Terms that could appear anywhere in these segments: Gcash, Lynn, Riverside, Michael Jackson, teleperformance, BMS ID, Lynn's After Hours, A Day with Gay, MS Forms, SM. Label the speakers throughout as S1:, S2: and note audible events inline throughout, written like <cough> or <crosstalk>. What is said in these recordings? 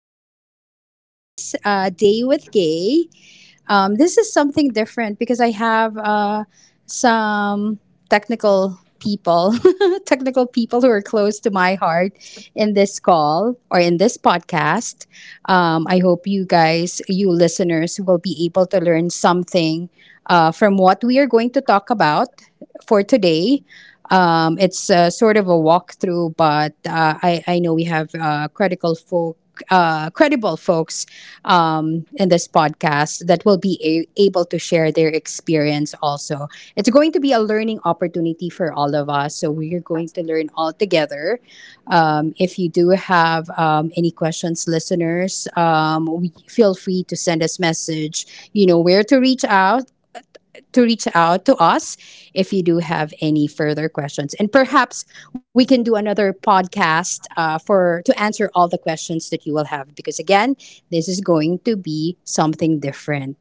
S1: our podcast, Day with Gay. This is something different because I have some technical people, <laughs> technical people who are close to my heart in this call or in this podcast. I hope you guys, you listeners, will be able to learn something from what we are going to talk about for today. It's sort of a walkthrough, but I know we have credible folks in this podcast that will be able to share their experience also. It's going to be a learning opportunity for all of us. So we're going to learn all together. If you do have any questions, listeners, we feel free to send us message. You know where to reach out to us if you do have any further questions. And perhaps we can do another podcast for to answer all the questions that you will have because again, this is going to be something different.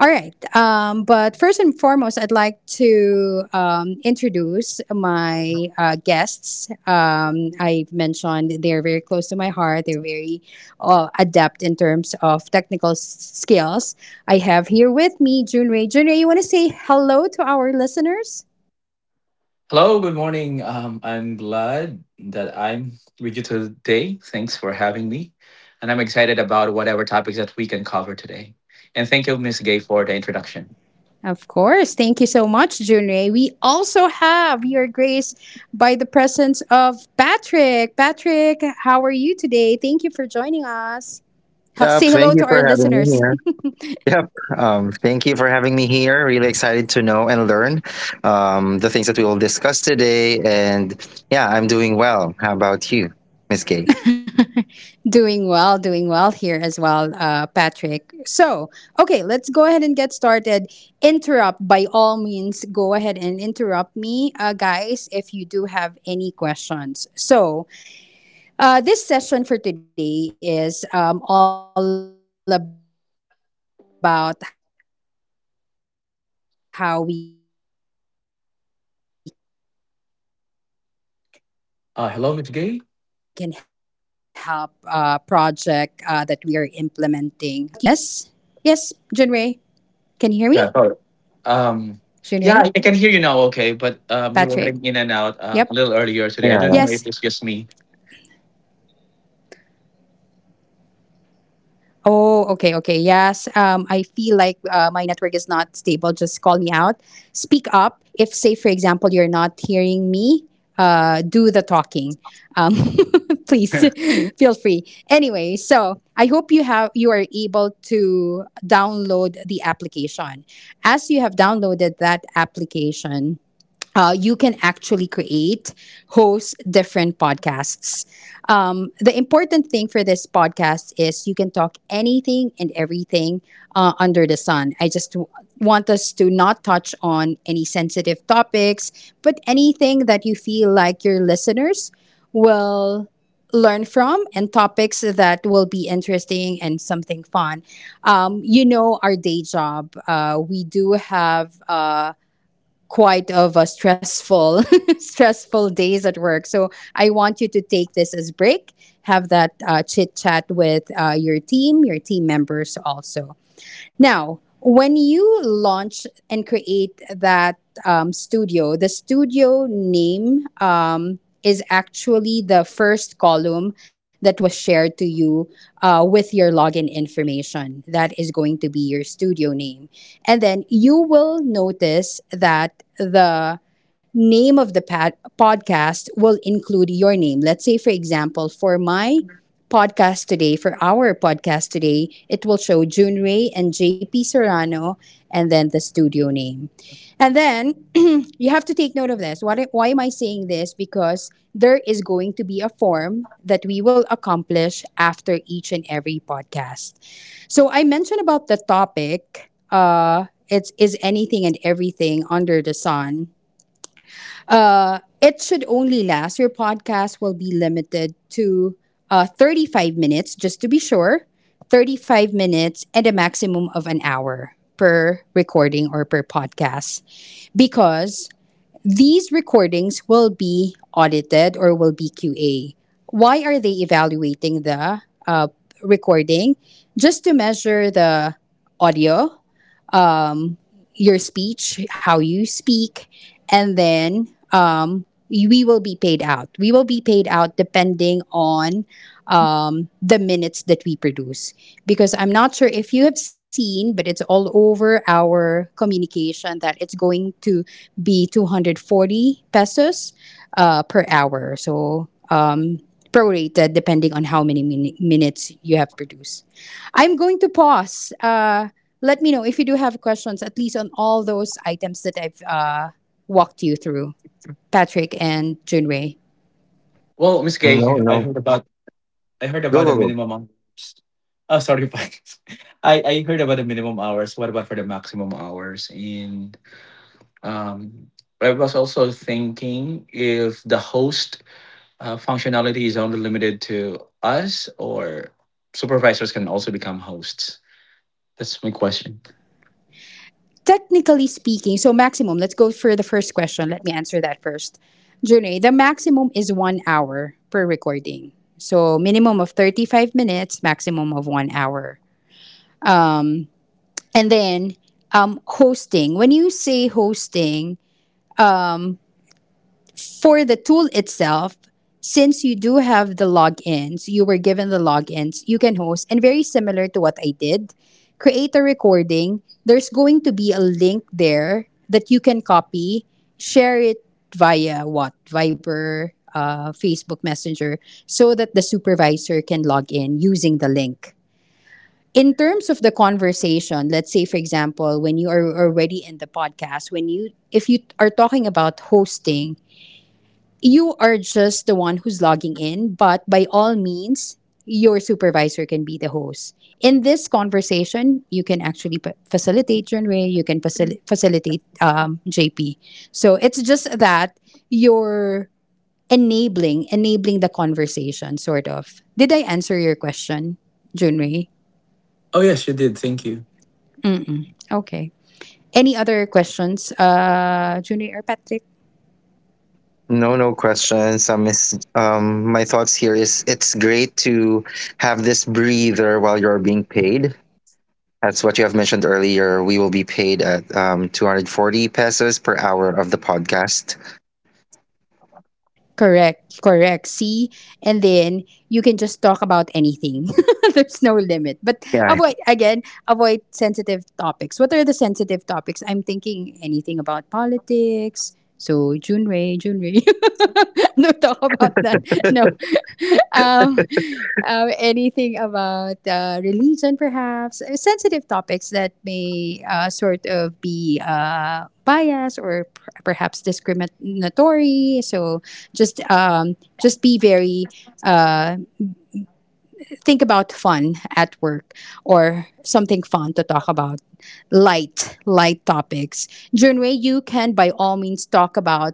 S1: All right. But first and foremost, I'd like to introduce my guests. I've mentioned they're very close to my heart. They're very adept in terms of skills. I have here with me Junrei. Junrei, you want to say hello to our listeners?
S2: Hello, good morning. I'm glad that I'm with you today. Thanks for having me. And I'm excited about whatever topics that we can cover today. And thank you, Miss Gay, for the introduction.
S1: Of course. Thank you so much, Junrei. We also have your grace by the presence of Patrick. Patrick, how are you today? Thank you for joining us.
S3: Yep,
S1: Say
S3: thank you
S1: hello to
S3: for
S1: our
S3: having me here.
S1: listeners. <laughs>
S3: Yep, Thank you for having me here. Really excited to know and learn the things that we will discuss today. And yeah, I'm doing well. How about you, Miss Gay?
S1: Doing well, doing well here as well, Patrick. So, okay, let's go ahead and get started. Interrupt by all means. Go ahead and interrupt me, guys, if you do have any questions. So, this session for today is all about how we
S2: Hello, Miss
S1: can
S2: Gay.
S1: help project that we are implementing in our organization and the family what you need to do. I hope you're able to already
S2: Yeah, sorry.
S1: download. Yes?
S2: Um,
S1: Yes, Junrei.
S2: yeah, I can
S1: Can you
S2: hear
S1: hear
S2: you
S1: me?
S2: now, okay, but you
S1: Junrei?
S2: were getting in and out a
S1: Patrick?
S2: little earlier
S1: Yep.
S2: today. I
S3: Yeah,
S2: don't
S3: yeah.
S2: know if it's
S1: Yes.
S2: just me.
S1: Oh, okay, okay. Yes. I feel like my network is not stable. Just call me out. Speak up. If, say, for example, you're not hearing me, do the talking. Um,
S2: <laughs>
S1: <laughs> please <laughs> feel free. Anyway, so I hope you are able to download the application. As you have downloaded that application, you can actually create, host different podcasts. The important thing for this podcast is you can talk anything and everything under the sun. I just want us to not touch on any sensitive topics, but anything that you feel like your listeners will learn from and topics that will be interesting and something fun. You know, our day job, we do have. Quite of a stressful <laughs> stressful days at work, so I want you to take this as break, have that chit chat with your team members also. Now, when you launch and create that studio, the studio name is actually the first column that was shared to you with your login information. That is going to be your studio name. And then you will notice that the name of the podcast will include your name. Let's say, for example, for our podcast today, it will show June Ray and JP Serrano and then the studio name. And then <clears throat> you have to take note of this. What, why am I saying this? Because there is going to be a form that we will accomplish after each and every podcast. So I mentioned about the topic. It's anything and everything under the sun. It should only last. Your podcast will be limited to 35 minutes, just to be sure. 35 minutes and a maximum of an hour per recording or per podcast, because these recordings will be audited or will be QA. Why are they evaluating the uh, recording? Just to measure the audio, um, your speech, how you speak, and then we will be paid out. We will be paid out depending on the minutes that we produce. Because I'm not sure if you have seen, but it's all over our communication that it's going to be 240 pesos per hour. So prorated depending on how many minutes you have produced. I'm going to pause. Let me know if you do have questions, at least on all those items that I've walked you through, Patrick and Junwei.
S2: Well, Miss
S3: No,
S2: Gay, I
S3: no.
S2: heard about I heard
S3: Go,
S2: about the
S3: go, go.
S2: minimum hours. Oh, sorry, <laughs> Pines. I heard about the minimum hours. What about for the maximum hours? And um, I was also thinking if the host functionality is only limited to us, or supervisors can also become hosts. That's my question.
S1: Technically speaking, so maximum, let's go for the first question. Let me answer that first. Junwei, the maximum is 1 hour per recording. So minimum of 35 minutes, maximum of 1 hour. Um, and then hosting. When you say hosting, for the tool itself, since you do have the logins, you were given the logins, you can host, and very similar to what I did, create a recording. There's going to be a link there that you can copy, share it via what? Viber, Facebook Messenger, so that the supervisor can log in using the link. In terms of the conversation, let's say, for example, when you are already in the podcast, when you, if you are talking about hosting, you are just the one who's logging in, but by all means, your supervisor can be the host. In this conversation, you can actually facilitate Junwei, you can facilitate JP. So it's just that you're enabling the conversation, sort of. Did I answer your question, Junwei?
S2: Oh yes, you did. Thank you.
S1: Okay. Any other questions, Junwei or Patrick?
S3: No, no questions. My thoughts here is it's great to have this breather while you're being paid. That's what you have mentioned earlier. We will be paid at 240 pesos per hour of the podcast.
S1: Correct, correct. See, and then you can just talk about anything. <laughs> There's no limit. But
S3: Yeah.
S1: avoid again, avoid sensitive topics. What are the sensitive topics? I'm thinking anything about politics. So Junrei, <laughs> no talk about that. No, <laughs> um, anything about religion, perhaps. Sensitive topics that may sort of be biased or perhaps discriminatory. So just be very uh, think about fun at work, or something fun to talk about, light topics. Junwei, you can by all means talk about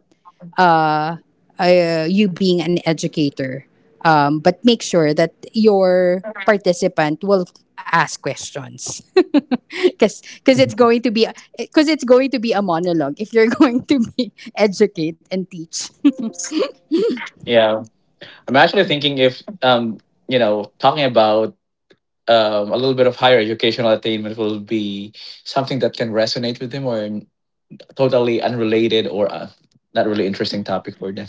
S1: uh, you being an educator, but make sure that your participant will ask questions. <laughs> Because it's going to be, a monologue if you're <laughs> going to be <laughs> educate and teach.
S2: Yeah, I'm actually thinking if talking about a little bit of higher educational attainment will be something that can resonate with them or totally unrelated or not really interesting topic for them.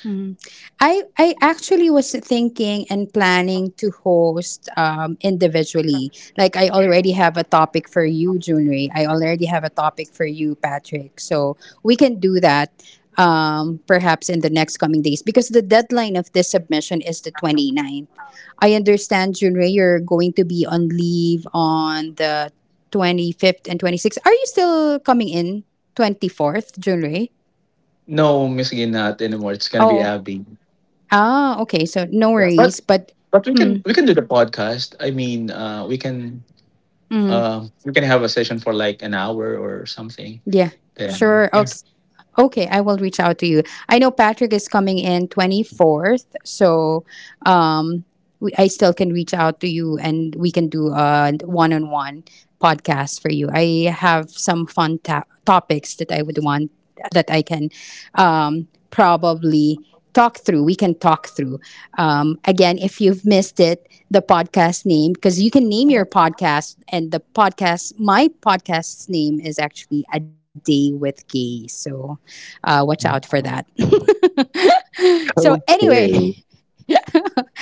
S1: Mhm. I actually was thinking and planning to host individually. Like I already have a topic for you, Junri. I already have a topic for you, Patrick. So we can do that perhaps in the next coming days, because the deadline of this submission is the twenty ninth. I understand, Junri, you're going to be on leave on the 25th and 26th. Are you still coming in 24th, Junri?
S2: No, Miss Gin, not anymore. It's gonna be
S1: Oh.
S2: Abby.
S1: Ah, okay. So no
S2: Yeah,
S1: worries,
S2: but
S1: but
S2: but we can
S1: mm,
S2: we can do the podcast. I mean, we can
S1: mm,
S2: have a session for like an hour or something.
S1: yeah,
S2: Then
S1: sure.
S2: yeah,
S1: Okay. Okay, I will reach out to you. I know Patrick is coming in 24th, so um, I still can reach out to you and we can do a one on one podcast for you. I have some fun topics that I would want that I can probably talk through. We can talk through. Again, if you've missed it, the podcast name, because you can name your podcast, and my podcast's name is actually A Day with Gay. So watch out for that. So
S3: <laughs>
S1: anyway,
S3: Okay.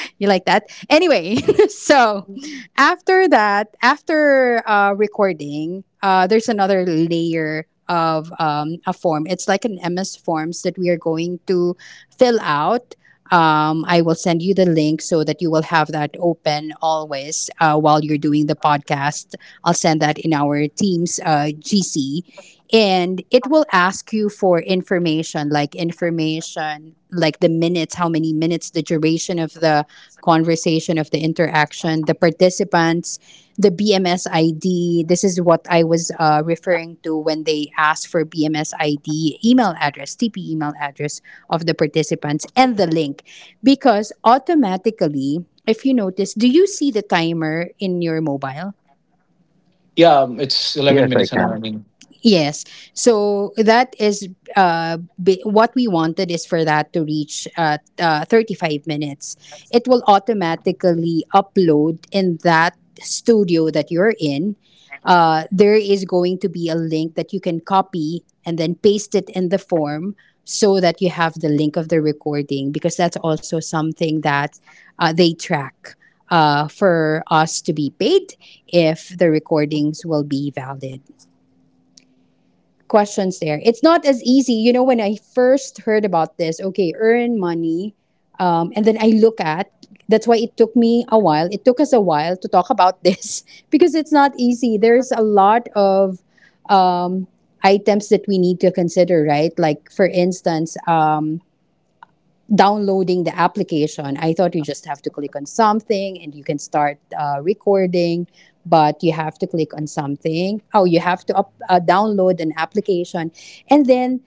S1: you like that? Anyway, <laughs> so after that, after recording, there's another layer of a form. It's like an MS Forms that we are going to fill out. I will send you the link so that you will have that open always while you're doing the podcast. I'll send that in our team's GC. And it will ask you for information, like the minutes, how many minutes, the duration of the conversation, of the interaction, the participants, the BMS ID. This is what I was referring to when they asked for BMS ID, email address, TP email address of the participants, and the link. Because automatically, if you notice, do you see the timer in your mobile?
S2: yeah, it's eleven
S3: Yes, I
S2: minutes and
S3: can.
S2: running.
S1: Yes. So that is what we wanted is for that to reach at 35 minutes. It will automatically upload in that studio that you're in. There is going to be a link that you can copy and then paste it in the form so that you have the link of the recording, because that's also something that they track for us to be paid if the recordings will be valid questions there. It's not as easy. You know, when I first heard about this, okay, earn money, and then I look at. That's why it took me a while. It took us a while to talk about this <laughs> because it's not easy. There's a lot of um, items that we need to consider, right? Like for instance, downloading the application. I thought you just have to click on something and you can start recording, but you have to click on something. Oh, you have to download an application. And then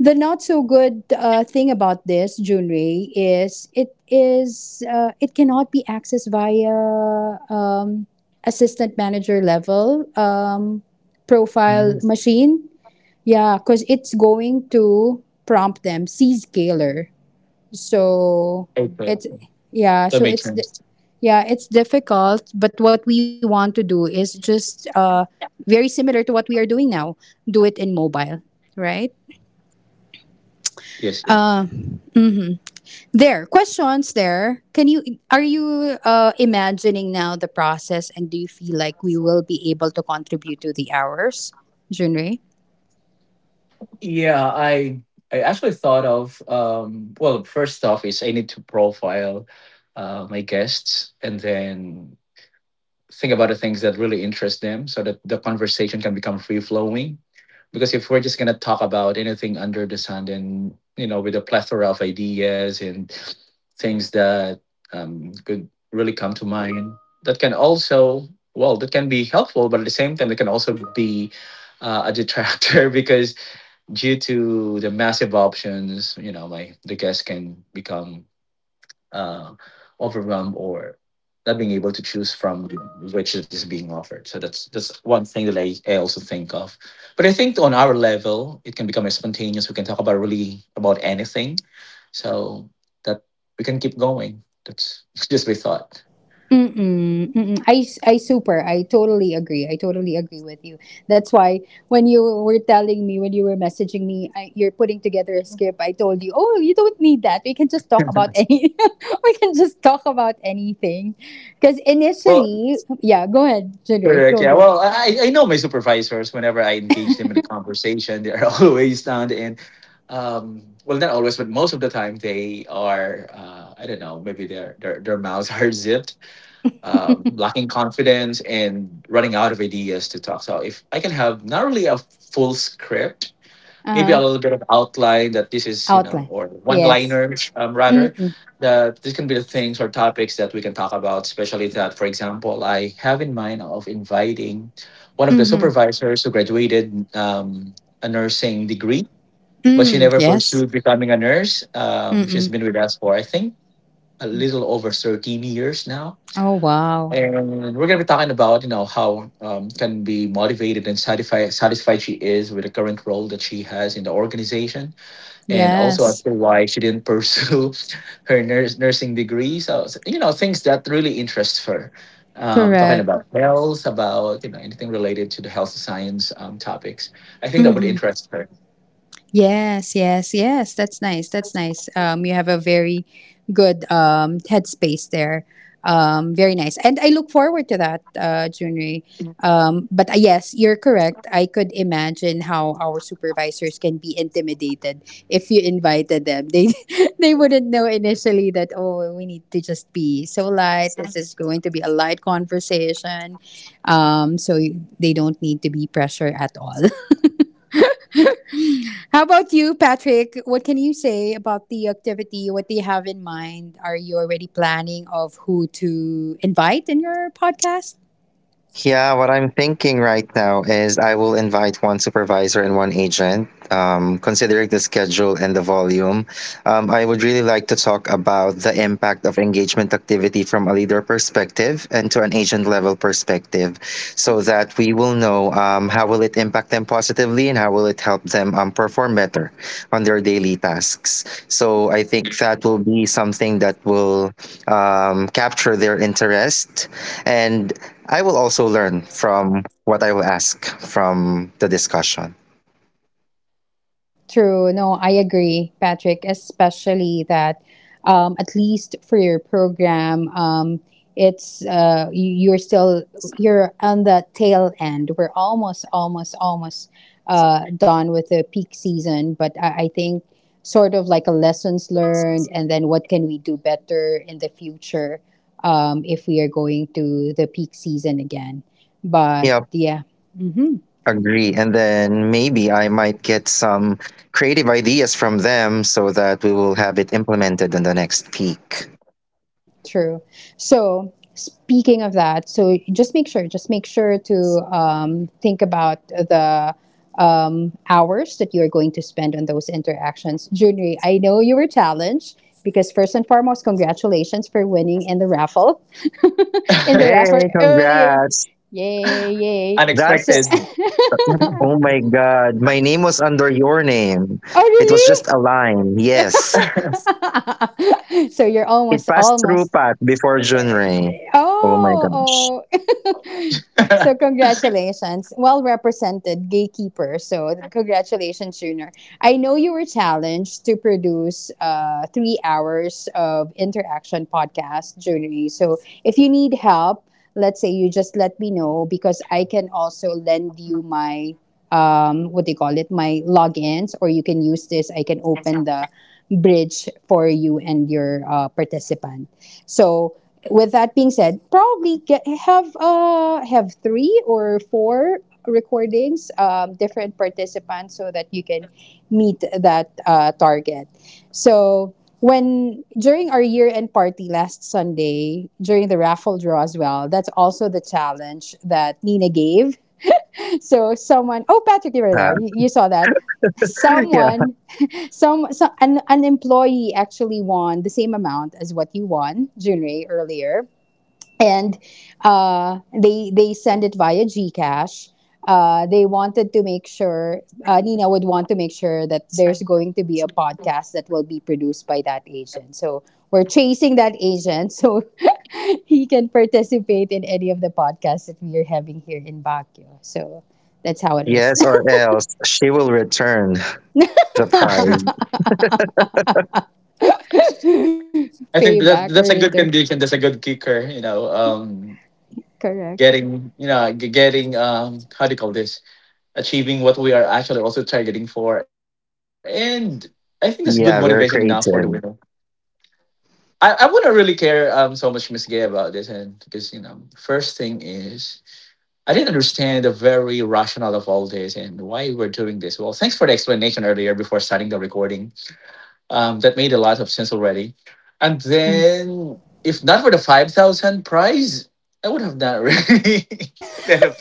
S1: the not so good thing about this, Junrei, is it cannot be accessed via assistant manager level profile
S2: Mm-hmm.
S1: machine. Yeah, because it's going to prompt them, see scaler, so
S2: Okay,
S1: it's, yeah,
S2: that makes sense.
S1: yeah, it's difficult. But what we want to do is just very similar to what we are doing now, do it in mobile, right?
S2: Yes, yes.
S1: uh mhm. There, questions there. Can you are you uh imagining now the process, and do you feel like we will be able to contribute to the hours, Junrei?
S2: Yeah, I actually thought of well, first off is I need to profile my guests and then think about the things that really interest them so that the conversation can become free flowing, because if we're just going to talk about anything under the sun, then with a plethora of ideas and things that could really come to mind, that can also, well, that can be helpful, but at the same time it can also be a detractor <laughs> because due to the massive options, my the guest can become uh, overwhelmed or not being able to choose from which it is being offered. So that's one thing that I also think of. But I think on our level, it can become more spontaneous. We can talk about really about anything. So that we can keep going. That's <laughs> just my thought.
S1: Mm-mm, mm-mm. I totally agree. I totally agree with you. That's why when you were messaging me, you're putting together a script, I told you, oh, you don't need that. We can just talk about
S2: <laughs>
S1: any, <laughs> We can just talk about anything. Because
S2: Well,
S1: initially, yeah, go ahead, Jadre,
S2: correct.
S1: go,
S2: Yeah.
S1: go.
S2: Well, I know my supervisors, whenever I engage them in a conversation, they're <laughs> always down and well, not always, but most of the time they are I don't know, maybe their mouths <laughs> are zipped, lacking confidence and running out of ideas to talk. So if I can have not really a full script, maybe
S1: Uh-huh.
S2: a little bit of outline, that this is
S1: Outline.
S2: or one
S1: Yes.
S2: liners, rather,
S1: Mm-mm,
S2: that this can be the things or topics that we can talk about, especially that, for example, I have in mind of inviting one of the
S1: mm-hmm.
S2: supervisors who graduated a nursing degree, but she
S1: Mm,
S2: never
S1: yes.
S2: pursued becoming a nurse. She's
S1: Mm-mm.
S2: been with us for I think a little over 13 years now,
S1: Oh, wow.
S2: and we're going to be talking about how can be motivated and satisfied she is with the current role that she has in the organization, and also I
S1: Yes.
S2: feel why she didn't pursue <laughs> her nursing degree. So things that really interest her. Talking
S1: Correct.
S2: about health, about anything related to the health science topics, I think that would interest her.
S1: Yes, yes, yes. That's nice. That's nice. You have a very good headspace there. Very nice. And I look forward to that, Junri. But yes, you're correct. I could imagine how our supervisors can be intimidated if you invited them. They <laughs> they wouldn't know initially that, oh, we need to just be so light. This is going to be a light conversation. They don't need to be pressured at all. <laughs> How about you, Patrick? What can you say about the activity? What do you have in mind? Are you already planning of who to invite in your podcast?
S3: Yeah, what I'm thinking right now is I will invite one supervisor and one agent. Considering the schedule and the volume, I would really like to talk about the impact of engagement activity from a leader perspective and to an agent level perspective, so that we will know how will it impact them positively and how will it help them perform better on their daily tasks. So I think that will be something that will capture their interest and I will also learn from what I will ask from the discussion.
S1: True. No, I agree, Patrick, especially that, at least for your program, it's you, you're still you're on the tail end. We're almost, almost, almost done with the peak season, but I think sort of like a lessons learned, and then what can we do better in the future, if we are going to the peak season again. But
S3: Yep,
S1: yeah. Mm-hmm.
S3: agree. And then maybe I might get some creative ideas from them so that we will have it implemented in the next peak.
S1: Mhm. True. So, speaking of that, so just make sure to, think about the, hours that you are going to spend on those interactions. Junri, I know you were challenged because first and foremost, congratulations for winning in the raffle, <laughs> in the raffle
S3: Hey,
S1: early.
S3: congrats.
S1: Yay,
S2: <laughs>
S1: yay. So,
S3: That's
S2: Unexpected.
S1: <laughs>
S3: oh my god. My name was under your name.
S1: oh,
S3: It was just
S1: really?
S3: a line. Yes.
S1: <laughs> So you're
S3: It
S1: almost,
S3: passed through
S1: almost.
S3: Pat before June Ray. Oh my gosh.
S1: Oh, oh. <laughs> So
S2: <laughs>
S1: congratulations. Well represented, gatekeeper. So congratulations, Junior. I know you were challenged to produce 3 hours of interaction podcast, Junior. So if you need help, let's say you just let me know because I can also lend you my, what they call it, my logins, or you can use this. I can open the bridge for you and your participant. So with that being said, probably get, have three or four recordings, different participants, so that you can meet that target. So when during our year-end party last Sunday, during the raffle draw as well, that's also the challenge that Nina gave. <laughs> So someone, oh, Patrick, you were there.
S3: Yeah.
S1: You saw that.
S3: <laughs> Yeah.
S1: Someone, some an employee actually won the same amount as what you won, Junrei, earlier, and they send it via Gcash. They wanted to make sure, Nina would want to make sure, that there's going to be a podcast that will be produced by that agent. So we're chasing that agent, so <laughs> he can participate in any of the podcasts that we are having here in Baguio. So that's how it is.
S3: Yes, or else she will return. Surprise.
S1: <laughs>
S2: I think
S1: Payback or
S2: that that's a
S1: return.
S2: good condition. That's a good kicker. You know, um,
S1: Correct.
S2: getting you know g- getting how do you call this? Achieving what we are actually also targeting for, and I think that's good motivation enough
S3: Yeah,
S2: for the
S3: very
S2: winner.
S3: creative.
S2: I wouldn't really care so much, Miss Gay, about this, and because first thing is I didn't understand the very rationale of all this and why we're doing this. Well, thanks for the explanation earlier before starting the recording. That made a lot of sense already. And
S1: Mhm.
S2: then, if not for the 5,000 prize, I would have not really <laughs> ended up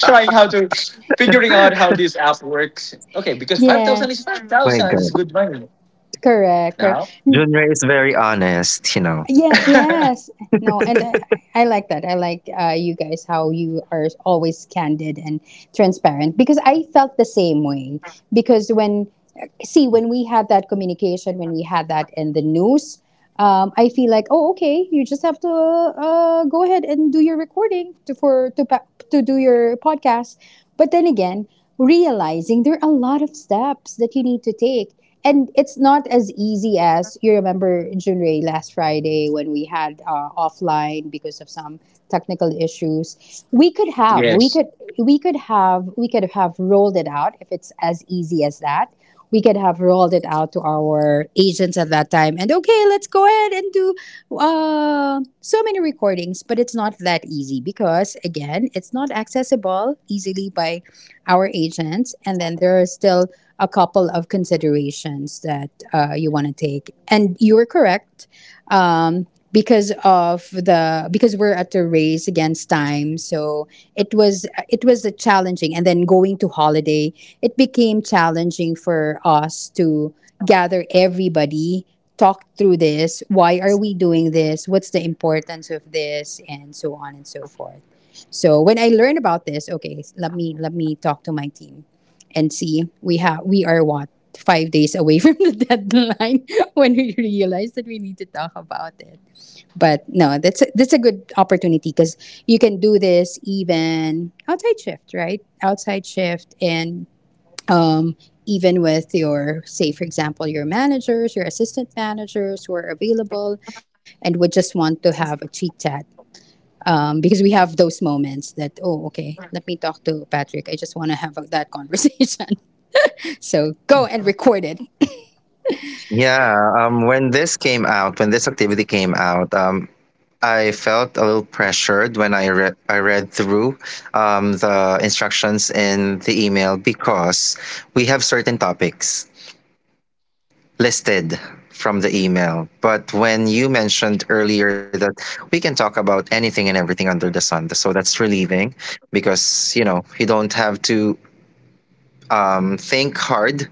S2: trying how to figuring out how this app works. Okay, because 5,000 is
S1: Yes.
S2: five
S3: My
S2: thousand
S3: God.
S2: It's good money
S1: Correct. Correct.
S2: now.
S3: Junior is very honest, you know.
S1: Yeah,
S2: <laughs>
S1: yes. No, and I like that. I like you guys, how you are always candid and transparent, because I felt the same way. Because see, when we had that communication, when we had that in the news, I feel like, oh, okay, you just have to go ahead and do your recording to for to pa- to do your podcast. But then again, realizing there are a lot of steps that you need to take, and it's not as easy. As you remember, Junrei, last Friday when we had offline because of some technical issues, We could have we
S2: Yes.
S1: could we could have rolled it out if it's as easy as that. We could have rolled it out to our agents at that time and, okay, let's go ahead and do so many recordings. But it's not that easy because, again, it's not accessible easily by our agents. And then there are still a couple of considerations that you want to take. And you are correct. Um, because of the Because we're at a race against time, so it was a challenging, and then going to holiday, it became challenging for us to gather everybody, talk through this, why are we doing this, what's the importance of this, and so on and so forth. So when I learned about this, okay, let me talk to my team and see, we are what, 5 days away <laughs> from the deadline <laughs> when we realize that we need to talk about it. But no, that's a good opportunity because you can do this even outside shift, right? Outside shift, and um, even with your, say for example, your managers, your assistant managers, who are available and would just want to have a chit chat, because we have those moments that, oh, okay, let me talk to Patrick, I just want to have that conversation. <laughs> So go and record it.
S3: Yeah, when this came out, when this activity came out, I felt a little pressured when I read through the instructions in the email because we have certain topics listed from the email. But when you mentioned earlier that we can talk about anything and everything under the sun, so that's relieving because you know you don't have to think hard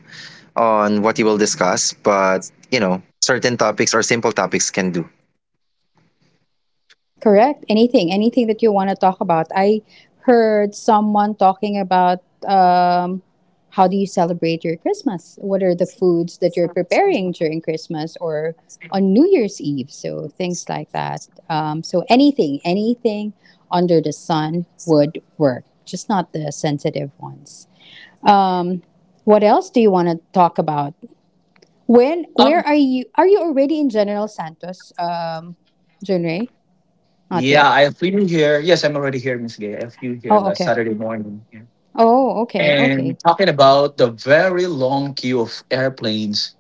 S3: on what you will discuss, but you know, certain topics or simple topics can do.
S1: Correct, anything that you want to talk about. I heard someone talking about, um, how do you celebrate your Christmas, what are the foods that you're preparing during Christmas or on New Year's Eve, so things like that. So anything under the sun would work, just not the sensitive ones. Um, what else do you want to talk about? Where
S2: Um.
S1: are you? Are you already in General Santos, Junrei? Not
S2: Yeah,
S1: yet.
S2: I have you here. Yes, I'm already here, Miss Gay. I have you here
S1: Oh,
S2: last
S1: okay.
S2: Saturday morning. Yeah.
S1: Oh, okay, okay.
S2: And talking about the very long queue of airplanes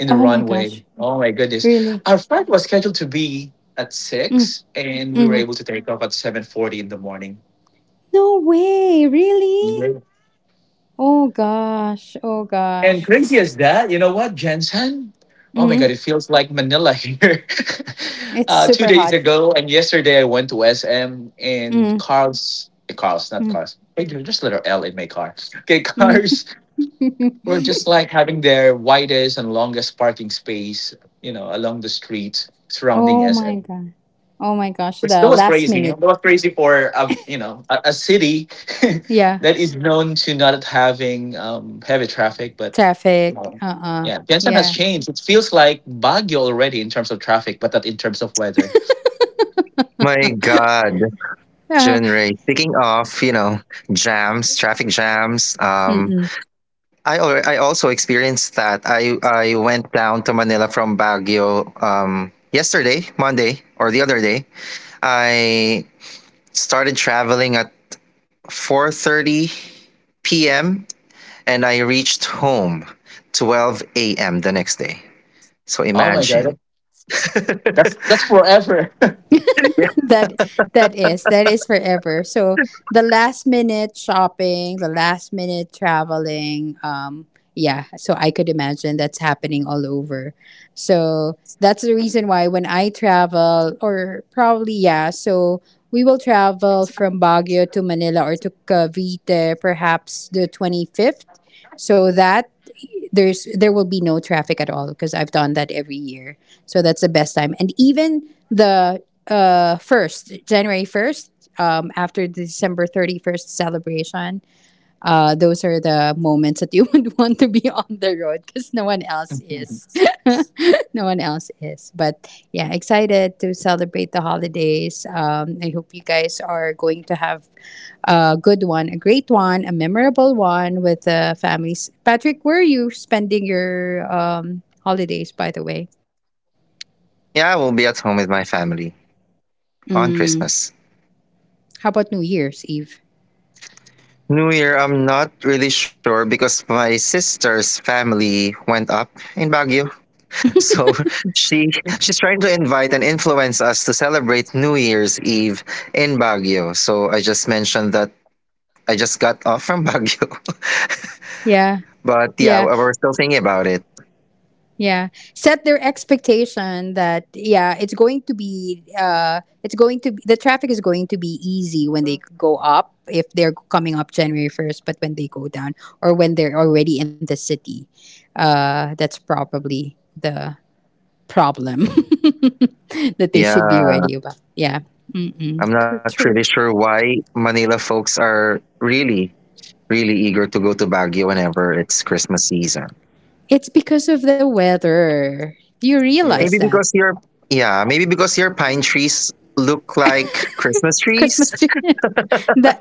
S2: in the
S1: Oh my
S2: runway.
S1: gosh,
S2: Oh my goodness.
S1: really?
S2: Our flight was scheduled to be at
S1: Mm,
S2: 6, and we were
S1: hmm.
S2: able to take off at 7:40 in the morning.
S1: No way, really? Oh gosh, oh
S2: And
S1: gosh.
S2: crazy as that, you know what, Jensen? Oh my God,
S1: Mm-hmm.
S2: it feels like Manila here. <laughs>
S1: It's
S2: Two
S1: super
S2: days
S1: hot.
S2: ago and yesterday, I went to SM, and
S1: Mm-hmm.
S2: cars, cars, not cars. Just letter L in my car. Okay, <laughs>
S1: Mm-hmm. <laughs>
S2: cars were just like having their widest and longest parking space, along the street surrounding
S1: Oh my
S2: SM.
S1: god. Oh my gosh,
S2: That
S1: the
S2: was
S1: last
S2: crazy. That
S1: minute.
S2: was crazy for a city <laughs>
S1: Yeah.
S2: that is known to not having heavy traffic, but
S1: Traffic.
S2: um,
S1: Uh.
S2: yeah, Piensan has
S1: Yeah.
S2: changed. It feels like Baguio already in terms of traffic, but not in terms of weather.
S3: My God,
S1: <laughs>
S3: June. Speaking of, you know, jams, traffic jams.
S1: Mm-mm.
S3: I also experienced that. I went down to Manila from Baguio yesterday, Monday or the other day. I started traveling at 4:30 p.m. and I reached home 12 a.m. the next day. So
S2: Oh my
S3: imagine.
S2: god,
S3: <laughs>
S2: that's forever.
S3: Yeah.
S1: <laughs> that that is forever. So, the last minute shopping, the last minute traveling, yeah. So I could imagine that's happening all over. So that's the reason why when I travel, or probably yeah. So we will travel from Baguio to Manila or to Cavite, perhaps the 25th. So that there will be no traffic at all because I've done that every year. So that's the best time. And even the first January 1st, after the December 31st celebration, those are the moments that you <laughs> would want to be on the road because no one else is.
S2: <laughs>
S1: <laughs> No one else is. But yeah, excited to celebrate the holidays. I hope you guys are going to have a good one, a great one, a memorable one with the families. Patrick, where are you spending your, holidays, by the way?
S3: Yeah, I will be at home with my family on
S1: Mm,
S3: Christmas.
S1: how about New Year's Eve?
S3: New Year, I'm not really sure because my sister's family went up in Baguio. So <laughs> she she's trying to invite and influence us to celebrate New Year's Eve in Baguio. So I just mentioned that I just got off from Baguio. <laughs>
S1: Yeah,
S3: But yeah,
S1: yeah,
S3: we're still thinking about it.
S1: yeah. Set their expectation that, yeah, it's going to be, the traffic is going to be easy when they go up if they're coming up January 1st, but when they go down or when they're already in the city, that's probably the problem <laughs> that they should be
S3: Yeah,
S1: ready about. Yeah.
S3: I'm not
S1: Cur-
S3: really sure why Manila folks are really really eager to go to Baguio whenever it's Christmas season.
S1: It's because of the weather. You
S2: Yeah,
S3: Maybe
S1: realize that.
S3: because your yeah, maybe because your pine trees look like Christmas trees.
S1: Christmas tree. <laughs> that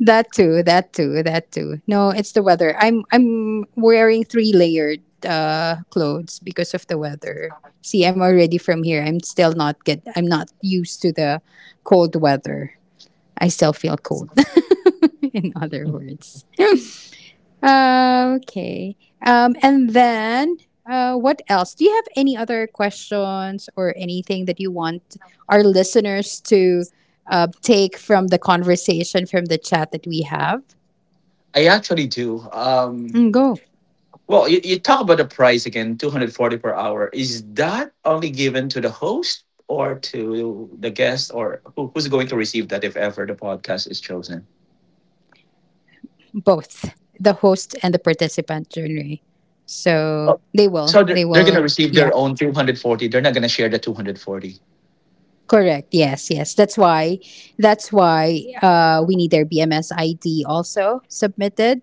S1: that too, that too, that too. No, it's the weather. I'm wearing three layered clothes because of the weather. See, I'm already from here. I'm not used to the cold weather. I still feel cold <laughs> in other words. Okay. And then, what else? Do you have any other questions or anything that you want our listeners to take from the chat that we have?
S2: I actually do.
S1: Mm, go.
S2: Well, you talk about the price again, 240 per hour. Is that only given to the host or to the guest, or who's going to receive that if ever the podcast is chosen?
S1: Both the host and the participant, journey. So they will.
S2: Oh,
S1: They will.
S2: so they're
S1: Yeah.
S2: going to receive their own 240. They're not going to share the 240.
S1: Correct. Yes, yes. That's why we need their BMS ID also submitted.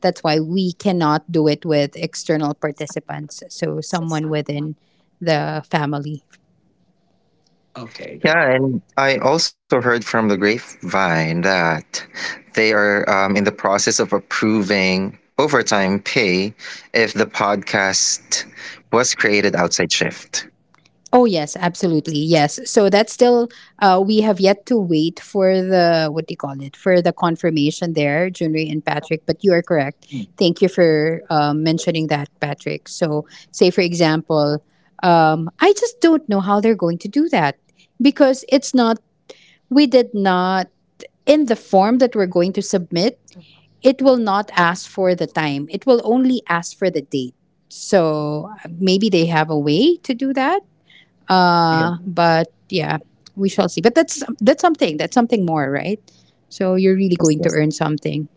S1: That's why we cannot do it with external participants. So someone within the family.
S2: Okay. That,
S3: Yeah, and I also heard from the grapevine that they are in the process of approving overtime pay if the podcast was created outside shift.
S1: Oh, yes, absolutely. Yes. So that's still we have yet to wait for the what do you call it for the confirmation there, Junri and Patrick. But you are correct.
S2: hmm,
S1: Thank you for mentioning that, Patrick. So say for example, I just don't know how they're going to do that because it's not we did not in the form that we're going to submit. It will not ask for the time. It will only ask for the date. So maybe they have a way to do that
S2: yeah.
S1: but yeah, we shall see. But that's something. That's something more, right? So you're really
S3: Yes,
S1: going to
S3: yes.
S1: earn something.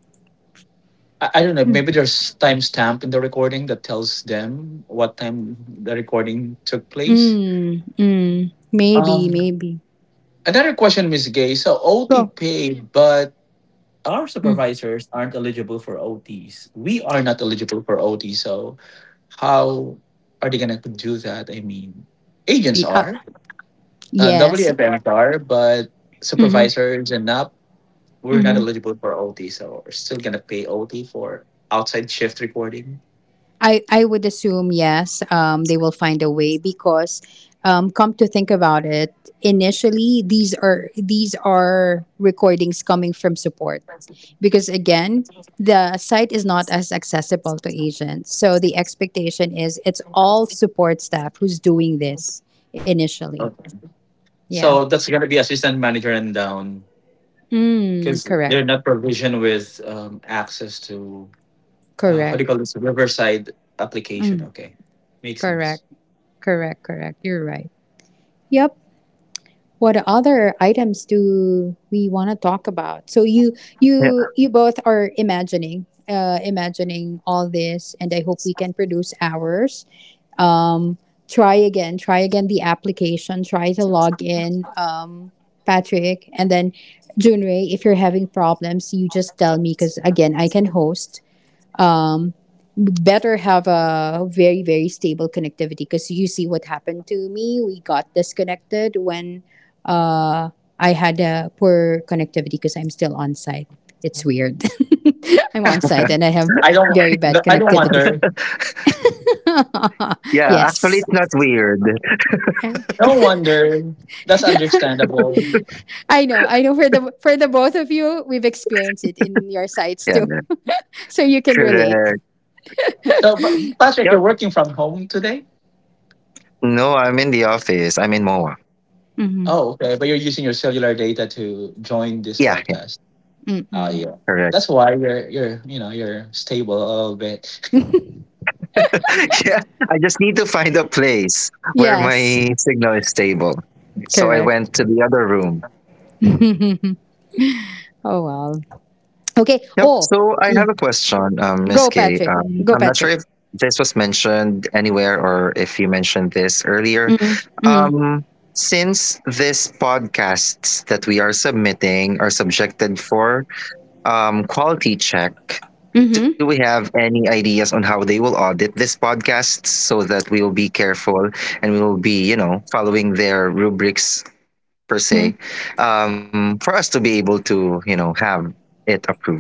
S2: I don't know.
S1: Hmm.
S2: Maybe there's timestamp in the recording that tells them what time the recording took place.
S1: Mm, mm, maybe,
S2: Um,
S1: maybe.
S2: Another question, Ms. Gay. So OT
S1: Go.
S2: paid, but our
S1: Mm.
S2: supervisors aren't eligible for OTs. We are not eligible for OT. So how are they gonna do that? I mean, agents
S1: Y- uh,
S2: are,
S1: yes.
S2: WFMs are, but
S1: Mm-hmm,
S2: supervisors and up, we're not
S1: mm-hmm.
S2: eligible for OT. So we're still gonna pay OT for outside shift recording.
S1: I would assume, yes, they will find a way because come to think about it, initially, these are recordings coming from support, because again the site is not as accessible to agents, so the expectation is it's all support staff who's doing this initially.
S2: Okay.
S1: Yeah.
S2: So that's gonna be assistant manager and down,
S1: Mm,
S2: because
S1: correct,
S2: they're not provisioned with access to how do
S1: correct.
S2: you call this Riverside application.
S1: Mm,
S2: Okay, makes sense.
S1: correct. Correct, correct, you're right. Yep. What other items do we want to talk about? So you
S3: Yeah,
S1: you you both are imagining imagining all this, and I hope we can produce ours. um, Try again, the application, try to log in, Patrick, and then Junrei, if you're having problems, you just tell me because again, I can host. Um, Better have a very very stable connectivity because you see what happened to me. We got disconnected when uh, I had a poor connectivity because I'm still on site. It's weird. <laughs> I'm on site and I have
S2: I don't.
S1: very bad
S2: No, I don't
S1: connectivity.
S2: wonder.
S1: <laughs>
S3: yeah Actually,
S1: Yes.
S3: it's not weird.
S2: No wonder. That's understandable.
S1: I know for the both of you, we've experienced it in your sites
S3: Yeah,
S1: too. <laughs> So you can relate.
S3: correct.
S2: So, Patrick, you're
S3: Yep.
S2: working from home today.
S3: No, I'm in the office. I'm in MOA.
S2: Oh, okay. But you're using your cellular data to join this
S3: Yeah, yeah,
S2: podcast. Oh,
S1: Mm-mm.
S2: yeah.
S3: Correct.
S2: That's why you're you know you're stable a little bit.
S3: <laughs> Yeah, I just need to find a place where
S1: Yes,
S3: my signal is stable. So I
S1: correct.
S3: went to the other room.
S1: Oh well. Okay.
S3: Yep.
S1: Oh,
S3: So I
S1: yeah.
S3: have a question, Miss
S1: Go,
S3: Kay.
S1: Patrick. Go,
S3: I'm not sure
S1: Patrick.
S3: if this was mentioned anywhere or if you mentioned this earlier. Um, since this podcasts that we are submitting are subjected for quality check. Do we have any ideas on how they will audit this podcast so that we will be careful and we will be, you know, following their rubrics per se for us to be able to, you know, have it approved?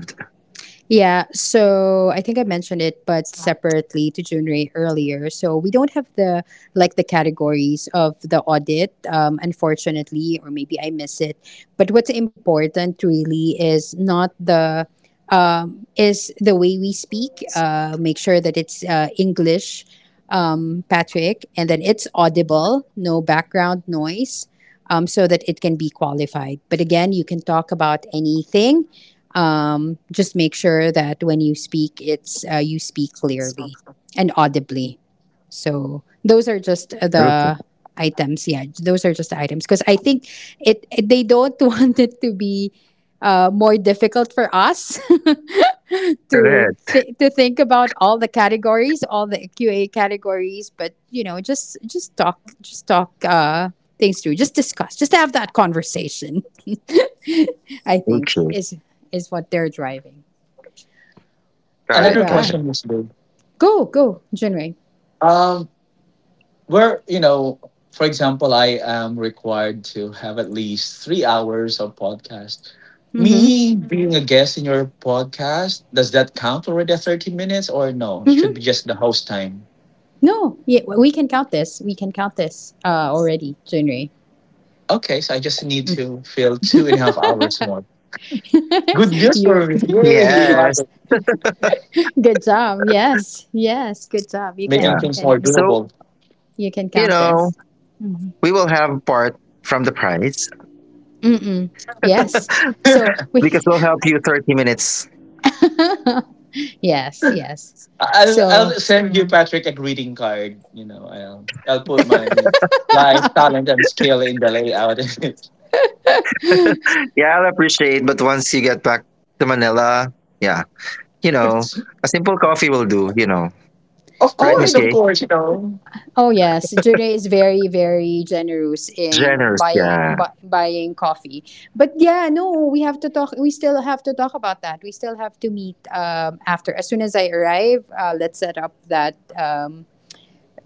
S1: Yeah, so I think I mentioned it, but separately to Junrei earlier. So we don't have the like the categories of the audit, unfortunately, or maybe I miss it. But what's important really is not the is the way we speak. Make sure that it's English, Patrick, and then it's audible, no background noise, so that it can be qualified. But again, you can talk about anything, just make sure that when you speak, it's you speak clearly and audibly. So those are just
S3: Okay.
S1: the items. Yeah, those are just the items because I think they don't <laughs> want it to be more difficult for us <laughs>
S3: Correct.
S1: to think about all the categories, all the QA categories. But you know, just talk, just talk things through, just discuss, just have that conversation. <laughs> I think
S3: Okay.
S1: is what they're driving.
S2: <laughs>
S3: Got
S1: All
S3: it.
S2: Another
S3: Got it.
S1: right.
S2: question is, Lou,
S1: Go, go, Jinwei.
S2: um, where, for example, I am required to have at least 3 hours of podcast.
S1: Mm-hmm.
S2: Me being a guest in your podcast, does that count already at 30 minutes, or no, should be
S1: Mm-hmm.
S2: just the host time?
S1: No, yeah, we can count this. We can count this already, Jinwei.
S2: Okay, so I just need to fill 2.5 hours more. Good news
S1: <laughs> You,
S2: for me, yay, love
S3: Yes.
S2: it.
S1: good job. Yes, yes, good job. You
S2: Making
S3: Yeah.
S1: can, you
S2: things more
S1: can,
S3: So,
S2: doable.
S1: you can
S3: you
S1: count
S3: know,
S1: this.
S3: we will have part from the price
S1: Mm-mm. Yes. So
S2: <laughs>
S1: we,
S3: because we'll help you 30 minutes.
S1: <laughs> yes, yes.
S2: I'll
S1: So,
S2: send you Patrick a greeting card. I'll put my life talent and skill in the layout.
S3: Yeah, I'll appreciate. But once you get back to Manila, yeah, you know,
S2: <laughs>
S3: a simple coffee will do, you know.
S2: Of
S3: Right,
S1: oh,
S3: Miss
S2: course, of
S1: we,
S3: Gay?
S2: course.
S1: oh yes, Jude is very very generous in
S3: Generous.
S1: buying
S3: Yeah.
S1: buying coffee. But yeah, no, we have to talk. We still have to talk about that. We still have to meet after. As soon as I arrive, let's set up that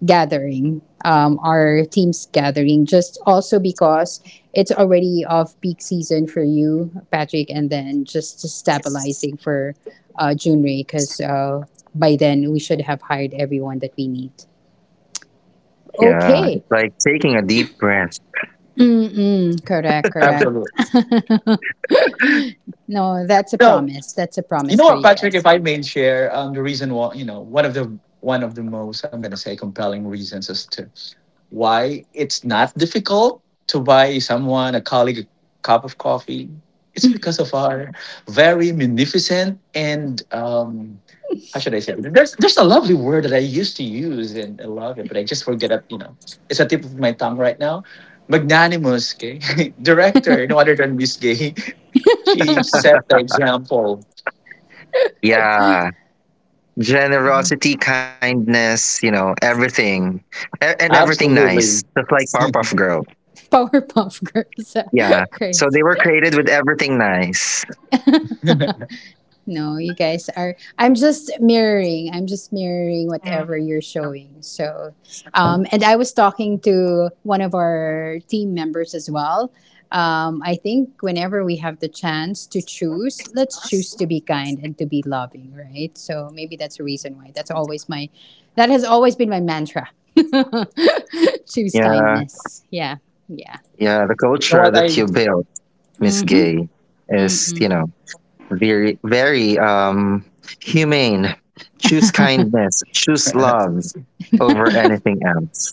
S1: gathering, our team's gathering. Just also because it's already off peak season for you, Patrick, and then just stabilizing for Junrei because by then we should have hired everyone that we need.
S3: Yeah.
S1: Okay.
S3: It's like taking a deep breath.
S1: Mm-mm, correct, correct.
S2: Absolutely.
S1: No, that's a
S2: No,
S1: promise. That's a
S2: you
S1: promise
S2: know
S1: for
S2: what,
S1: you
S2: Patrick? If
S1: guys.
S2: I may share, the reason why, one of the most, I'm gonna say, compelling reasons as to why it's not difficult to buy someone, a colleague, a cup of coffee. It's because of our very magnificent and how should I say it? There's a lovely word that I used to use and I love it, but I just forget it. It's a tip of my tongue right now. Magnanimous, okay? <laughs> Director, no other than Miss Gay. <laughs> She set the example.
S3: Yeah. Generosity, kindness, you know, everything. And everything nice.
S2: Absolutely.
S3: Just like
S2: <laughs>
S3: Powerpuff
S2: You
S3: Girl.
S1: <laughs> Powerpuff Girls.
S3: Yeah.
S1: <laughs>
S3: So
S1: Great.
S3: they were created with everything nice.
S2: know
S1: No, you guys are. I'm just mirroring. I'm just mirroring whatever you're showing. So, and I was talking to one of our team members as well. I think whenever we have the chance to choose, let's choose to be kind and to be loving, right? So maybe that's a reason why. That's always my, that has always been my mantra. <laughs> Choose
S3: Yeah.
S1: kindness. Yeah. Yeah.
S3: Yeah. The culture
S2: what
S3: that
S2: I?
S3: you built, Miss
S1: Hmm.
S3: Gay, is, you know, very, very humane. Choose kindness, choose
S2: <laughs>
S3: love over anything else.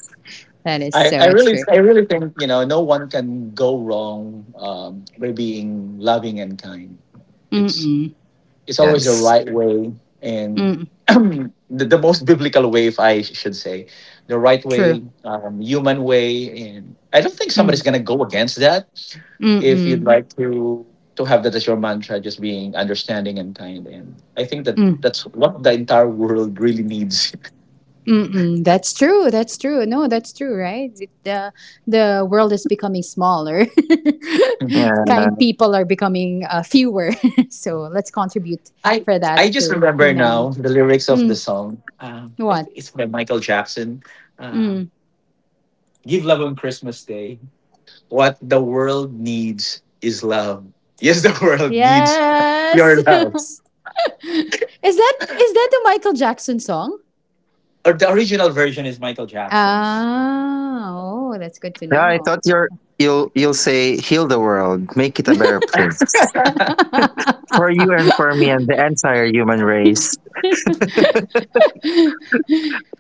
S1: That is
S2: I, I
S1: so
S2: really
S1: true.
S2: I really think no one can go wrong by being loving and kind. It's
S1: Mm-mm.
S2: it's always the
S3: Yes.
S2: right way, and
S1: Mm-mm.
S2: <clears throat> the, the most biblical way, if I should say, the right
S1: True.
S2: way, human way, and I don't think somebody's
S1: Mm.
S2: gonna go against that. If
S1: Mm-mm.
S2: you'd like to have that as your mantra, just being understanding and kind, and I think that that's what the entire world really needs.
S1: Mm-mm. That's true. That's true. No, that's true, right? It, the world is becoming smaller.
S2: <laughs>
S1: <laughs>
S3: Yeah.
S1: Kind people are becoming fewer. <laughs> So let's contribute
S2: I
S1: for
S2: I
S1: that
S2: just
S1: to be
S2: remember
S1: many.
S2: now the lyrics of the song. It,
S1: What?
S2: it's by Michael Jackson. Uh,
S1: Mm.
S2: Give love on Christmas Day. What the world needs is love. Yes, the <laughs> world needs.
S1: Yes. <laughs> Is that is that the Michael Jackson song?
S2: Or the original version is Michael Jackson's.
S1: Ah, oh, that's good to
S3: Yeah. I
S1: know.
S3: thought you're. You'll say heal the world, make it a better place
S2: <laughs>
S3: for you and for me and the entire human race.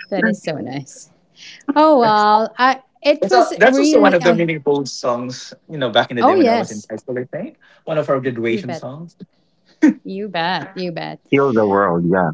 S1: That is so nice. Oh
S2: that's,
S1: well, I it
S2: that's,
S1: was
S2: al- that's also one
S1: really.
S2: of the
S1: I
S2: meaningful songs. Back in the day
S1: oh
S2: when I was in
S1: yes,
S2: high school, I think one of our
S1: you
S2: graduation
S1: bet,
S2: songs.
S1: you bet, you bet.
S3: Heal the world, yeah.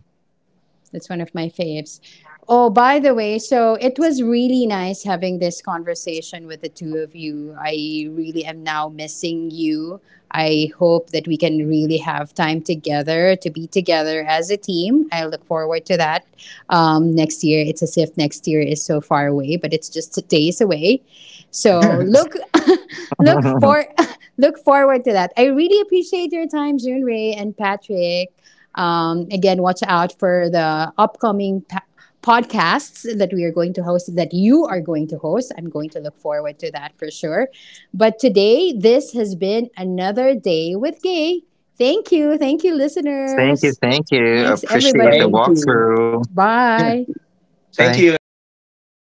S1: That's one of my faves. Oh, by the way, so it was really nice having this conversation with the two of you. I really am now missing you. I hope that we can really have time together to be together as a team. I look forward to that next year. It's as if next year is so far away, but it's just days away. So look,
S2: <laughs>
S1: <laughs> look
S3: <laughs>
S1: for, <laughs> look forward to that. I really appreciate your time, June Ray and Patrick. Again, watch out for the upcoming podcasts that we are going to host, that you are going to host. I'm going to look forward to that for sure. But today, this has been another day with Gay. Thank you. Thank you,
S3: Thank you,
S1: listeners.
S3: thank you.
S1: Thanks,
S3: Appreciate the
S1: everybody.
S2: Thank you.
S3: walkthrough.
S2: <laughs>
S1: Bye.
S2: Thank
S3: Bye.
S2: you, and bye.